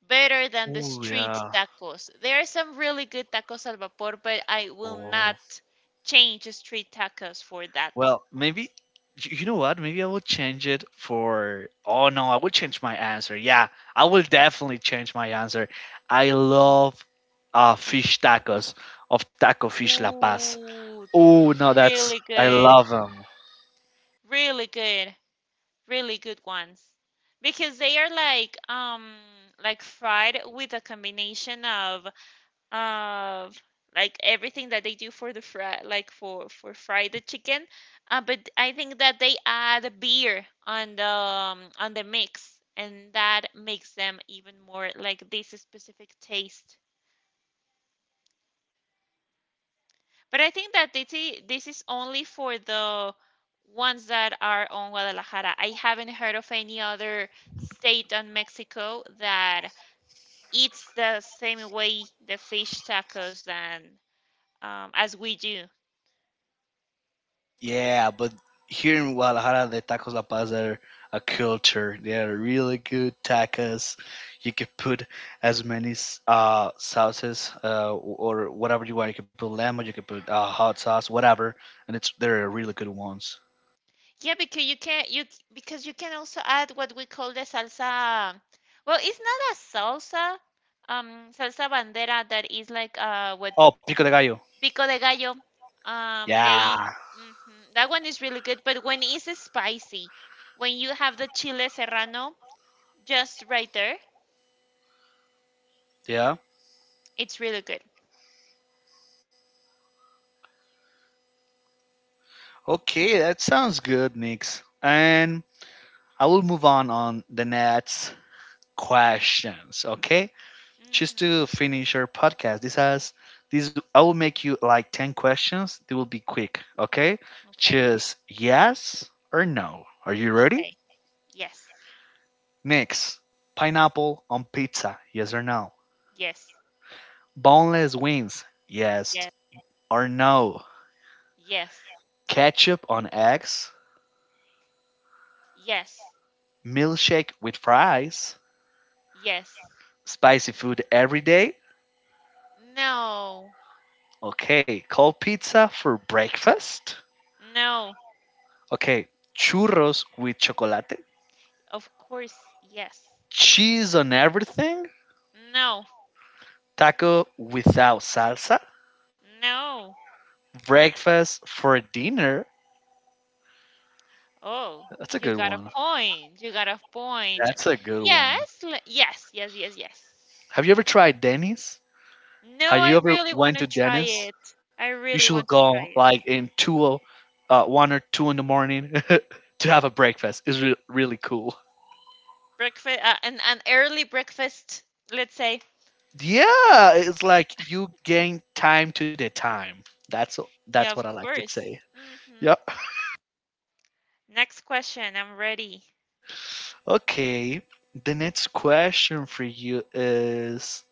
Speaker 2: better than the
Speaker 1: Oh
Speaker 2: street
Speaker 1: yeah.
Speaker 2: tacos. There are some really good tacos al vapor, but I will
Speaker 1: Oh.
Speaker 2: not change street tacos for that
Speaker 1: Well, maybe
Speaker 2: ones.
Speaker 1: y- you know what? Maybe I will change it for. Oh no, I will change my answer. Yeah, I will definitely change my answer. I love uh, fish tacos of Taco Fish La Paz.
Speaker 2: Ooh,
Speaker 1: Oh no, that's
Speaker 2: really
Speaker 1: I
Speaker 2: good.
Speaker 1: love them.
Speaker 2: Really good. Really good ones because they are like um like fried with a combination of of like everything that they do for the fry like for for fry the chicken uh, but I think that they add beer on the um, on the mix, and that makes them even more like this specific taste. But I think that this is, this is only for the ones that are on Guadalajara. I haven't heard of any other state on Mexico that eats the same way the fish tacos than um, as we do.
Speaker 1: Yeah, but here in Guadalajara, the tacos la paz are a culture. They are really good tacos. You could put as many s- uh, sauces uh, or whatever you want. You could put lemon, you could put uh, hot sauce, whatever, and it's they're really good ones.
Speaker 2: Yeah, because you can you c- because you can also add what we call the salsa. Well, it's not a salsa, um, salsa bandera that is like uh, what
Speaker 1: Oh, pico de gallo.
Speaker 2: pico de gallo. Um, they
Speaker 1: Yeah,
Speaker 2: mhm, that one is really good, but when it's spicy, when you have the chile serrano just right there,
Speaker 1: yeah.
Speaker 2: it's really good.
Speaker 1: Okay, that sounds good, Nix. And I will move on on the next questions. Okay. Just
Speaker 2: Hmm
Speaker 1: to finish our podcast, this has this I will make you like ten questions. They will be quick, okay?
Speaker 2: Okay.
Speaker 1: Just yes or no. Are you ready?
Speaker 2: Okay. Yes.
Speaker 1: Next, pineapple on pizza, yes or no?
Speaker 2: Yes.
Speaker 1: Boneless wings, yes
Speaker 2: Yes.
Speaker 1: or no?
Speaker 2: Yes.
Speaker 1: Ketchup on eggs,
Speaker 2: Yes.
Speaker 1: milkshake with fries,
Speaker 2: Yes.
Speaker 1: spicy food every day.
Speaker 2: No.
Speaker 1: Okay, cold pizza for breakfast.
Speaker 2: No.
Speaker 1: Okay, churros with chocolate,
Speaker 2: Of course, yes.
Speaker 1: cheese on everything.
Speaker 2: No.
Speaker 1: Taco without salsa.
Speaker 2: No.
Speaker 1: Breakfast for dinner.
Speaker 2: Oh,
Speaker 1: That's a
Speaker 2: you
Speaker 1: good
Speaker 2: got a
Speaker 1: one.
Speaker 2: point. You got a point.
Speaker 1: That's a good one.
Speaker 2: Yes. le- Yes. Yes. Yes. Yes.
Speaker 1: Have you ever tried Denny's?
Speaker 2: No,
Speaker 1: Have
Speaker 2: I
Speaker 1: you ever
Speaker 2: really want
Speaker 1: went
Speaker 2: to
Speaker 1: to
Speaker 2: try
Speaker 1: Denny's?
Speaker 2: it. I
Speaker 1: You
Speaker 2: really
Speaker 1: should
Speaker 2: want to
Speaker 1: go
Speaker 2: try it.
Speaker 1: like in two, o- uh, one or two in the morning <laughs> to have a breakfast. It's re- really cool.
Speaker 2: Breakfast, uh, an an early breakfast, let's say.
Speaker 1: Yeah, it's like you gain time to the time. That's that's
Speaker 2: Yeah,
Speaker 1: what I
Speaker 2: of
Speaker 1: like to
Speaker 2: course.
Speaker 1: say.
Speaker 2: Hmm
Speaker 1: Yeah.
Speaker 2: Next question. I'm ready.
Speaker 1: Okay. The next question for you is.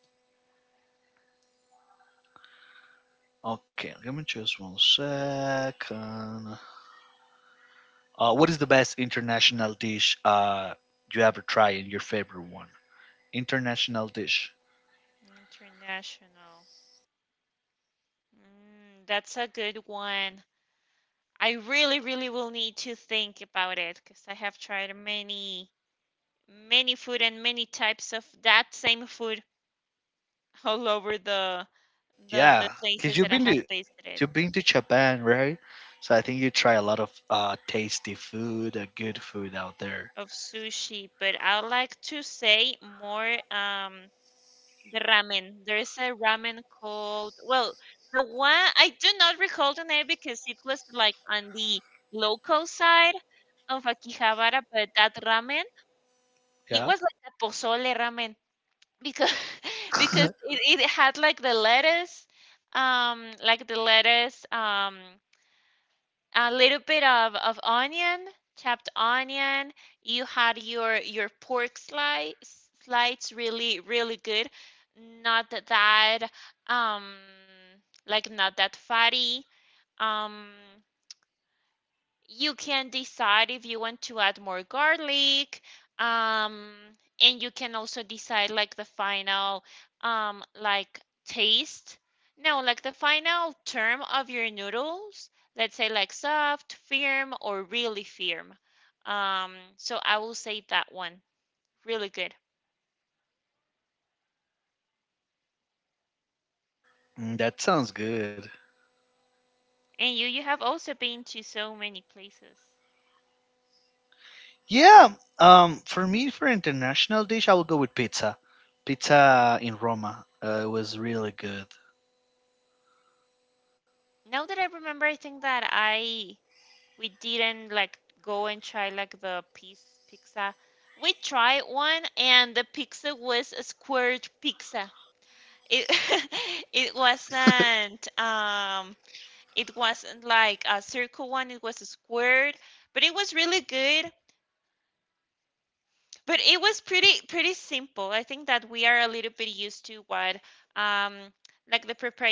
Speaker 1: Okay, give me just one second. Uh, what is the best international dish uh, you ever tried and your favorite one? International dish.
Speaker 2: International. Mm, that's a good one. I really, really will need to think about it because I have tried many, many food and many types of that same food all over the the the
Speaker 1: Yeah, because
Speaker 2: places
Speaker 1: you've
Speaker 2: that I
Speaker 1: been
Speaker 2: have
Speaker 1: to
Speaker 2: visited.
Speaker 1: you've been to Japan, right? So I think you try a lot of uh, tasty food, uh, good food out there.
Speaker 2: Of sushi, but I like to say more um the ramen. There's a ramen called, well, the one I do not recall the name because it was like on the local side of Akihabara, but that ramen, it
Speaker 1: Yeah,
Speaker 2: was like a pozole ramen because <laughs> because
Speaker 1: <laughs>
Speaker 2: it, it had like the lettuce, um like the lettuce, um a little bit of, of onion, chopped onion. You had your your pork slice slides really really good. Not that um like not that fatty. Um you can decide if you want to add more garlic, um and you can also decide like the final um like taste, no, like the final term of your noodles, let's say like soft, firm or really firm. Um so I will say that one. Really good.
Speaker 1: Mm, that sounds good.
Speaker 2: And you you have also been to so many places.
Speaker 1: Yeah, um, for me, for international dish, I will go with pizza. Pizza in Roma uh, was really good.
Speaker 2: Now that I remember, I think that I we didn't like go and try like the piece pizza. We tried one, and the pizza was a squared pizza. It <laughs> it wasn't um it wasn't like a circle one, it was a squared, but it was really good. But it was pretty pretty simple. I think that we are a little bit used to what um like the prepare,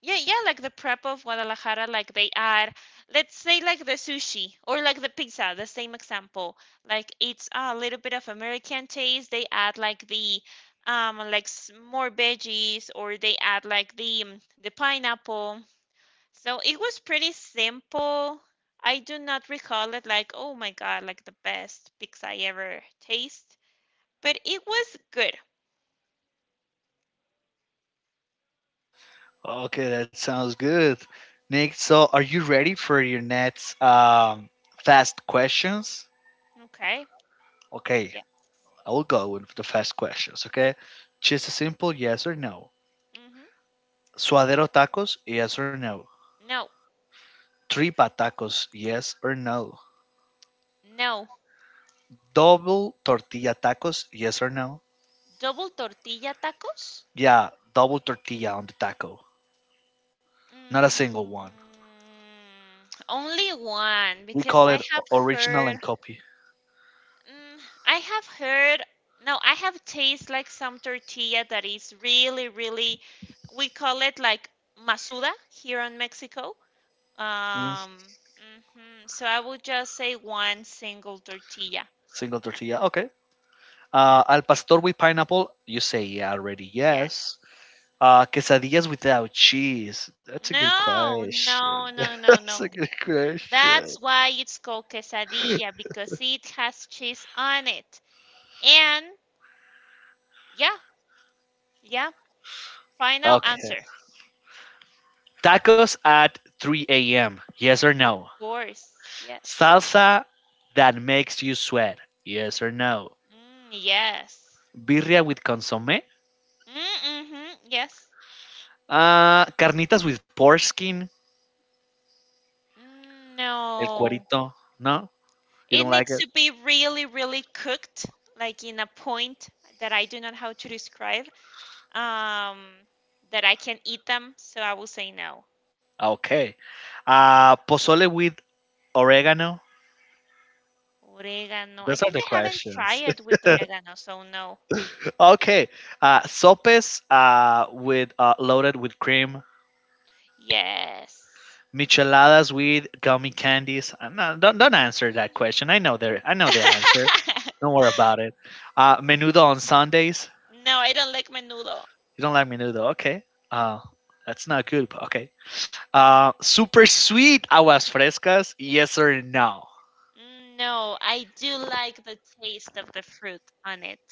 Speaker 2: yeah, yeah, like the prep of Guadalajara, like they add, let's say like the sushi or like the pizza, the same example. Like it's a little bit of American taste. They add like the um like s- more veggies, or they add like the um, the pineapple. So it was pretty simple. I do not recall it like, oh my God, like the best pizza I ever taste. But it was good.
Speaker 1: Okay, that sounds good. Nick, so are you ready for your next um, fast questions?
Speaker 2: Okay.
Speaker 1: Okay,
Speaker 2: Yes.
Speaker 1: I will go with the fast questions, okay? Just a simple yes or no.
Speaker 2: hmm
Speaker 1: Suadero tacos, yes or no.
Speaker 2: No,
Speaker 1: Tripa tacos, yes or no.
Speaker 2: no.
Speaker 1: Double tortilla tacos, yes or no.
Speaker 2: Double tortilla tacos?
Speaker 1: Yeah, double tortilla on the taco, not a
Speaker 2: Mm,
Speaker 1: single one.
Speaker 2: only one
Speaker 1: We
Speaker 2: because
Speaker 1: call
Speaker 2: I
Speaker 1: it
Speaker 2: have
Speaker 1: o- original
Speaker 2: heard,
Speaker 1: and copy.
Speaker 2: mm, I have heard, no, I have tasted like some tortilla that is really, really, we call it like masuda here in Mexico.
Speaker 1: Mm,
Speaker 2: Um, mhm, So I would just say one single tortilla.
Speaker 1: single tortilla, okay. Uh, al pastor with pineapple, you say yeah already,
Speaker 2: Yes.
Speaker 1: yes. Uh, quesadillas without cheese. That's a good
Speaker 2: No,
Speaker 1: question.
Speaker 2: no, no,
Speaker 1: <laughs>
Speaker 2: no,
Speaker 1: That's a
Speaker 2: no.
Speaker 1: good question.
Speaker 2: That's why it's called quesadilla, because it has cheese on it. And yeah, yeah, final
Speaker 1: Okay.
Speaker 2: answer.
Speaker 1: Tacos at three a m. Yes or
Speaker 2: Of
Speaker 1: no?
Speaker 2: course, yes.
Speaker 1: Salsa that makes you sweat. Yes or no?
Speaker 2: Mm, yes.
Speaker 1: Birria with consomme?
Speaker 2: Mm, Mm-hmm, yes.
Speaker 1: Uh, carnitas with pork skin.
Speaker 2: Mm,
Speaker 1: El
Speaker 2: no.
Speaker 1: cuerito. No? You
Speaker 2: It
Speaker 1: don't like
Speaker 2: needs
Speaker 1: it?
Speaker 2: to be really, really cooked, like in a point that I do not know how to describe, um, that I can eat them. So I will say no.
Speaker 1: Okay. Uh, pozole with oregano.
Speaker 2: Oregano. I
Speaker 1: Those are
Speaker 2: think
Speaker 1: the
Speaker 2: I haven't tried
Speaker 1: questions.
Speaker 2: it with oregano, so no.
Speaker 1: <laughs> Okay. Uh, sopes uh, with uh, loaded with cream.
Speaker 2: Yes.
Speaker 1: Micheladas with gummy candies. Uh, No, don't don't answer that question. I know the I know the answer.
Speaker 2: <laughs>
Speaker 1: Don't worry about it. Uh, menudo on Sundays.
Speaker 2: No, I don't like menudo.
Speaker 1: You don't like menudo, okay? Uh, that's not good, but okay. Uh, super sweet aguas frescas. Yes or no?
Speaker 2: Mm, no, I do like the taste of the fruit on it.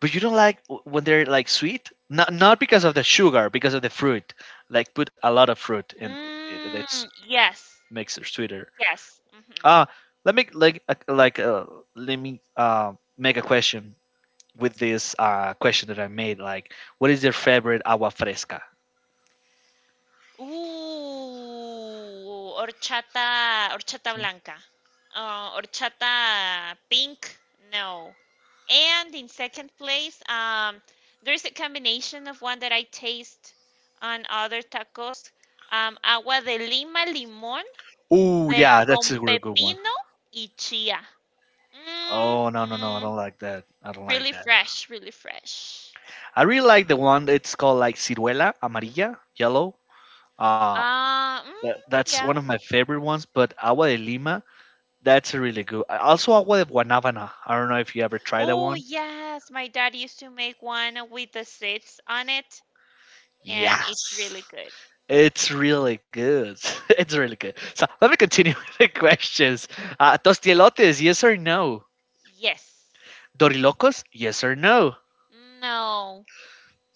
Speaker 1: But you don't like w- when they're like sweet. Not not because of the sugar, because of the fruit. Like put a lot of fruit in. It, that's
Speaker 2: Mm, yes,
Speaker 1: makes it sweeter.
Speaker 2: yes. hmm
Speaker 1: Uh, let me like uh, like uh, let me uh, make a question with this uh, question that I made, like, what is your favorite agua fresca?
Speaker 2: Uh, horchata, horchata blanca. Uh, horchata pink, no. And in second place, um, there's a combination of one that I taste on other tacos. Um, agua de lima, limón,
Speaker 1: Oh,
Speaker 2: de
Speaker 1: yeah, that's
Speaker 2: con
Speaker 1: a real good one.
Speaker 2: pepino y chia.
Speaker 1: Oh, no, no, no, I
Speaker 2: Mhm.
Speaker 1: don't like that. I don't like
Speaker 2: Really
Speaker 1: that.
Speaker 2: fresh, really fresh.
Speaker 1: I really like the one that's called like ciruela, amarilla, yellow. Uh,
Speaker 2: Uh, mm,
Speaker 1: tha- that's one
Speaker 2: yeah.
Speaker 1: of my favorite ones, but agua de Lima, that's a really good. uh, Also, agua de Guanabana. I don't know if you ever tried that
Speaker 2: Oh,
Speaker 1: one.
Speaker 2: yes. My dad used to make one with the seeds on it, and it's
Speaker 1: Yes.
Speaker 2: really good.
Speaker 1: It's really good. <laughs> It's really good. So let me continue <laughs> with the questions. Uh, tostielotes, yes or no?
Speaker 2: Yes.
Speaker 1: Dorilocos? Yes or no?
Speaker 2: No.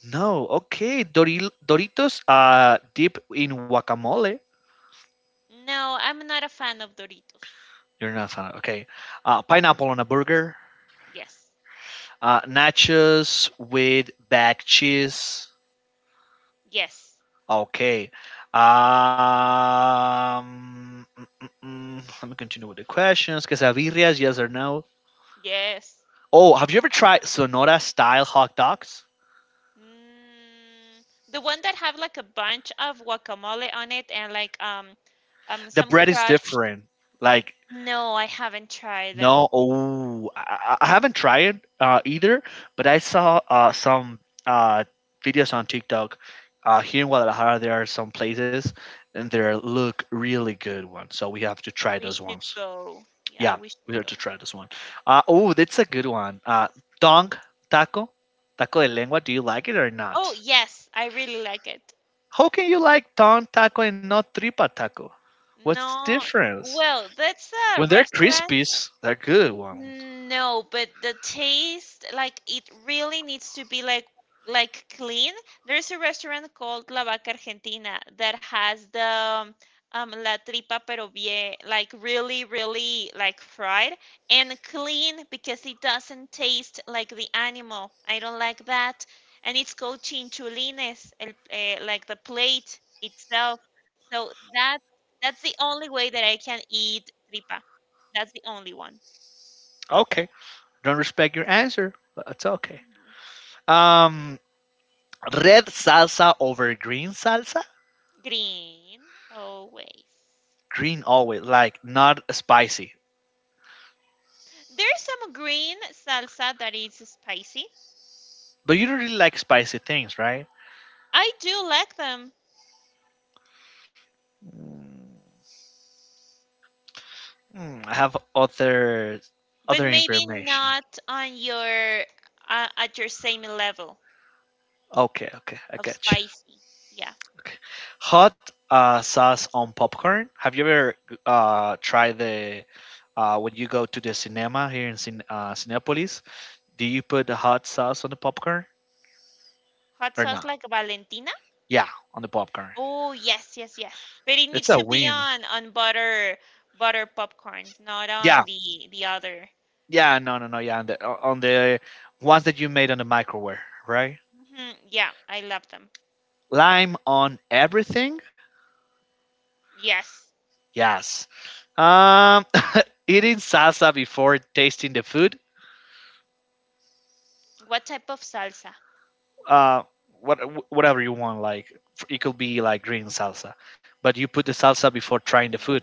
Speaker 1: No. Okay. Doril- Doritos uh, dip in guacamole.
Speaker 2: No, I'm not a fan of Doritos.
Speaker 1: You're not a fan. Okay. Uh, pineapple on a burger.
Speaker 2: Yes.
Speaker 1: Uh, nachos with bag cheese.
Speaker 2: Yes.
Speaker 1: Okay. Um, mm, mm, mm, Let me continue with the questions. Quesadillas, yes or no?
Speaker 2: Yes.
Speaker 1: Oh, have you ever tried Sonora style hot dogs?
Speaker 2: Mm, the one that have like a bunch of guacamole on it and like um um
Speaker 1: The
Speaker 2: some
Speaker 1: bread is
Speaker 2: crushed.
Speaker 1: different. Like
Speaker 2: No, I haven't tried them.
Speaker 1: no, oh, I, I I haven't tried it uh, either, but I saw uh, some uh, videos on TikTok. Uh, here in Guadalajara, there are some places and they look really good ones. So we have to try
Speaker 2: We
Speaker 1: those
Speaker 2: should
Speaker 1: ones.
Speaker 2: go. Yeah,
Speaker 1: Yeah,
Speaker 2: we
Speaker 1: we
Speaker 2: should
Speaker 1: have to
Speaker 2: go.
Speaker 1: try this one. Uh, oh, that's a good one. Uh, tongue taco, taco de lengua. Do you like it or
Speaker 2: Oh,
Speaker 1: not?
Speaker 2: yes. I really like it.
Speaker 1: How can you like tongue taco and not tripa taco? What's the
Speaker 2: No.
Speaker 1: difference?
Speaker 2: Well, that's a
Speaker 1: When they're
Speaker 2: restaurant,
Speaker 1: crispies, they're good ones.
Speaker 2: no, but the taste, like it really needs to be like like clean. There's a restaurant called La Vaca Argentina that has the um um, la tripa pero bien, like really, really like fried and clean because it doesn't taste like the animal. I don't like that. And it's called chinchulines, el, eh, like the plate itself. So that that's the only way that I can eat tripa. That's the only one.
Speaker 1: Okay. Don't respect your answer, but it's okay.
Speaker 2: Mm-hmm.
Speaker 1: Um, Red salsa over green salsa.
Speaker 2: Green, always.
Speaker 1: Green always, like not spicy.
Speaker 2: There's some green salsa that is spicy.
Speaker 1: But you don't really like spicy things, right?
Speaker 2: I do like them,
Speaker 1: Hmm, I have other
Speaker 2: but
Speaker 1: other
Speaker 2: maybe
Speaker 1: information.
Speaker 2: not on your, uh, at your same level
Speaker 1: Okay, okay, I
Speaker 2: of
Speaker 1: get you.
Speaker 2: spicy. Yeah.
Speaker 1: Okay. Hot uh, sauce on popcorn. Have you ever uh, tried the uh, when you go to the cinema here in Cin- uh, Cinepolis? Do you put the hot sauce on the popcorn
Speaker 2: Hot
Speaker 1: or
Speaker 2: sauce
Speaker 1: not?
Speaker 2: like Valentina?
Speaker 1: Yeah, on the popcorn.
Speaker 2: Oh, yes, yes, yes. But it
Speaker 1: It's a
Speaker 2: needs to be
Speaker 1: win.
Speaker 2: on on butter butter popcorns, not
Speaker 1: Yeah,
Speaker 2: on the the other.
Speaker 1: yeah, no, no, no, yeah. On the on the ones that you made on the microwave, right?
Speaker 2: Hmm Yeah, I love them.
Speaker 1: Lime on everything.
Speaker 2: Yes.
Speaker 1: Yes. Um, <laughs> Eating salsa before tasting the food.
Speaker 2: What type of salsa?
Speaker 1: Uh, what Whatever you want. Like it could be like green salsa, but you put the salsa before
Speaker 2: Mm.
Speaker 1: trying the food.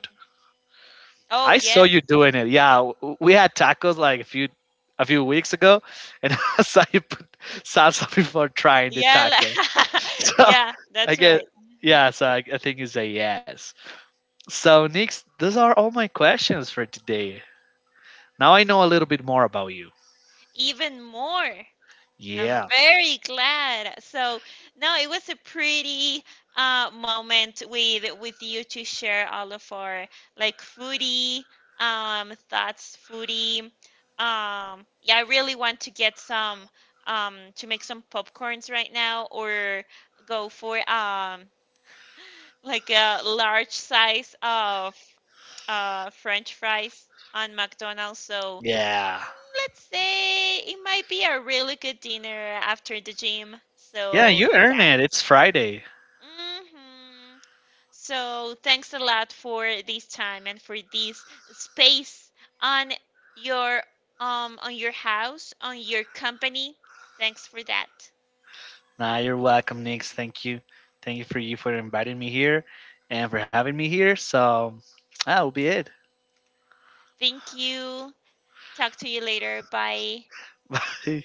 Speaker 2: Oh,
Speaker 1: I saw
Speaker 2: yes.
Speaker 1: you doing it. Yeah, w- we had tacos like a few a few weeks ago, and <laughs> I saw you put salsa <laughs> before trying the
Speaker 2: Yeah,
Speaker 1: taco.
Speaker 2: la- <laughs>
Speaker 1: So
Speaker 2: yeah,
Speaker 1: <laughs> I
Speaker 2: that's
Speaker 1: get
Speaker 2: right. hmm
Speaker 1: yeah, so I, I think it's a yes. So Nix, those are all my questions for today. Now I know a little bit more about you.
Speaker 2: Even more. I'm
Speaker 1: Yeah.
Speaker 2: very glad. So, no, it was a pretty uh moment with with you to share all of our like foodie um thoughts, foodie. Um, yeah, I really want to get some, um to make some popcorns right now, or go for um like a large size of uh, French fries on McDonald's. So
Speaker 1: Yeah.
Speaker 2: let's say it might be a really good dinner after the gym.
Speaker 1: Yeah,
Speaker 2: So
Speaker 1: you
Speaker 2: yeah.
Speaker 1: earn it. It's Friday.
Speaker 2: hmm So thanks a lot for this time and for this space on your, um on your house, on your company. Thanks for that.
Speaker 1: Nah, you're welcome, Nix. Thank you. Thank you for you for inviting me here and for having me here. So that'll be it.
Speaker 2: Thank you. Talk to you later. Bye.
Speaker 1: <laughs> Bye.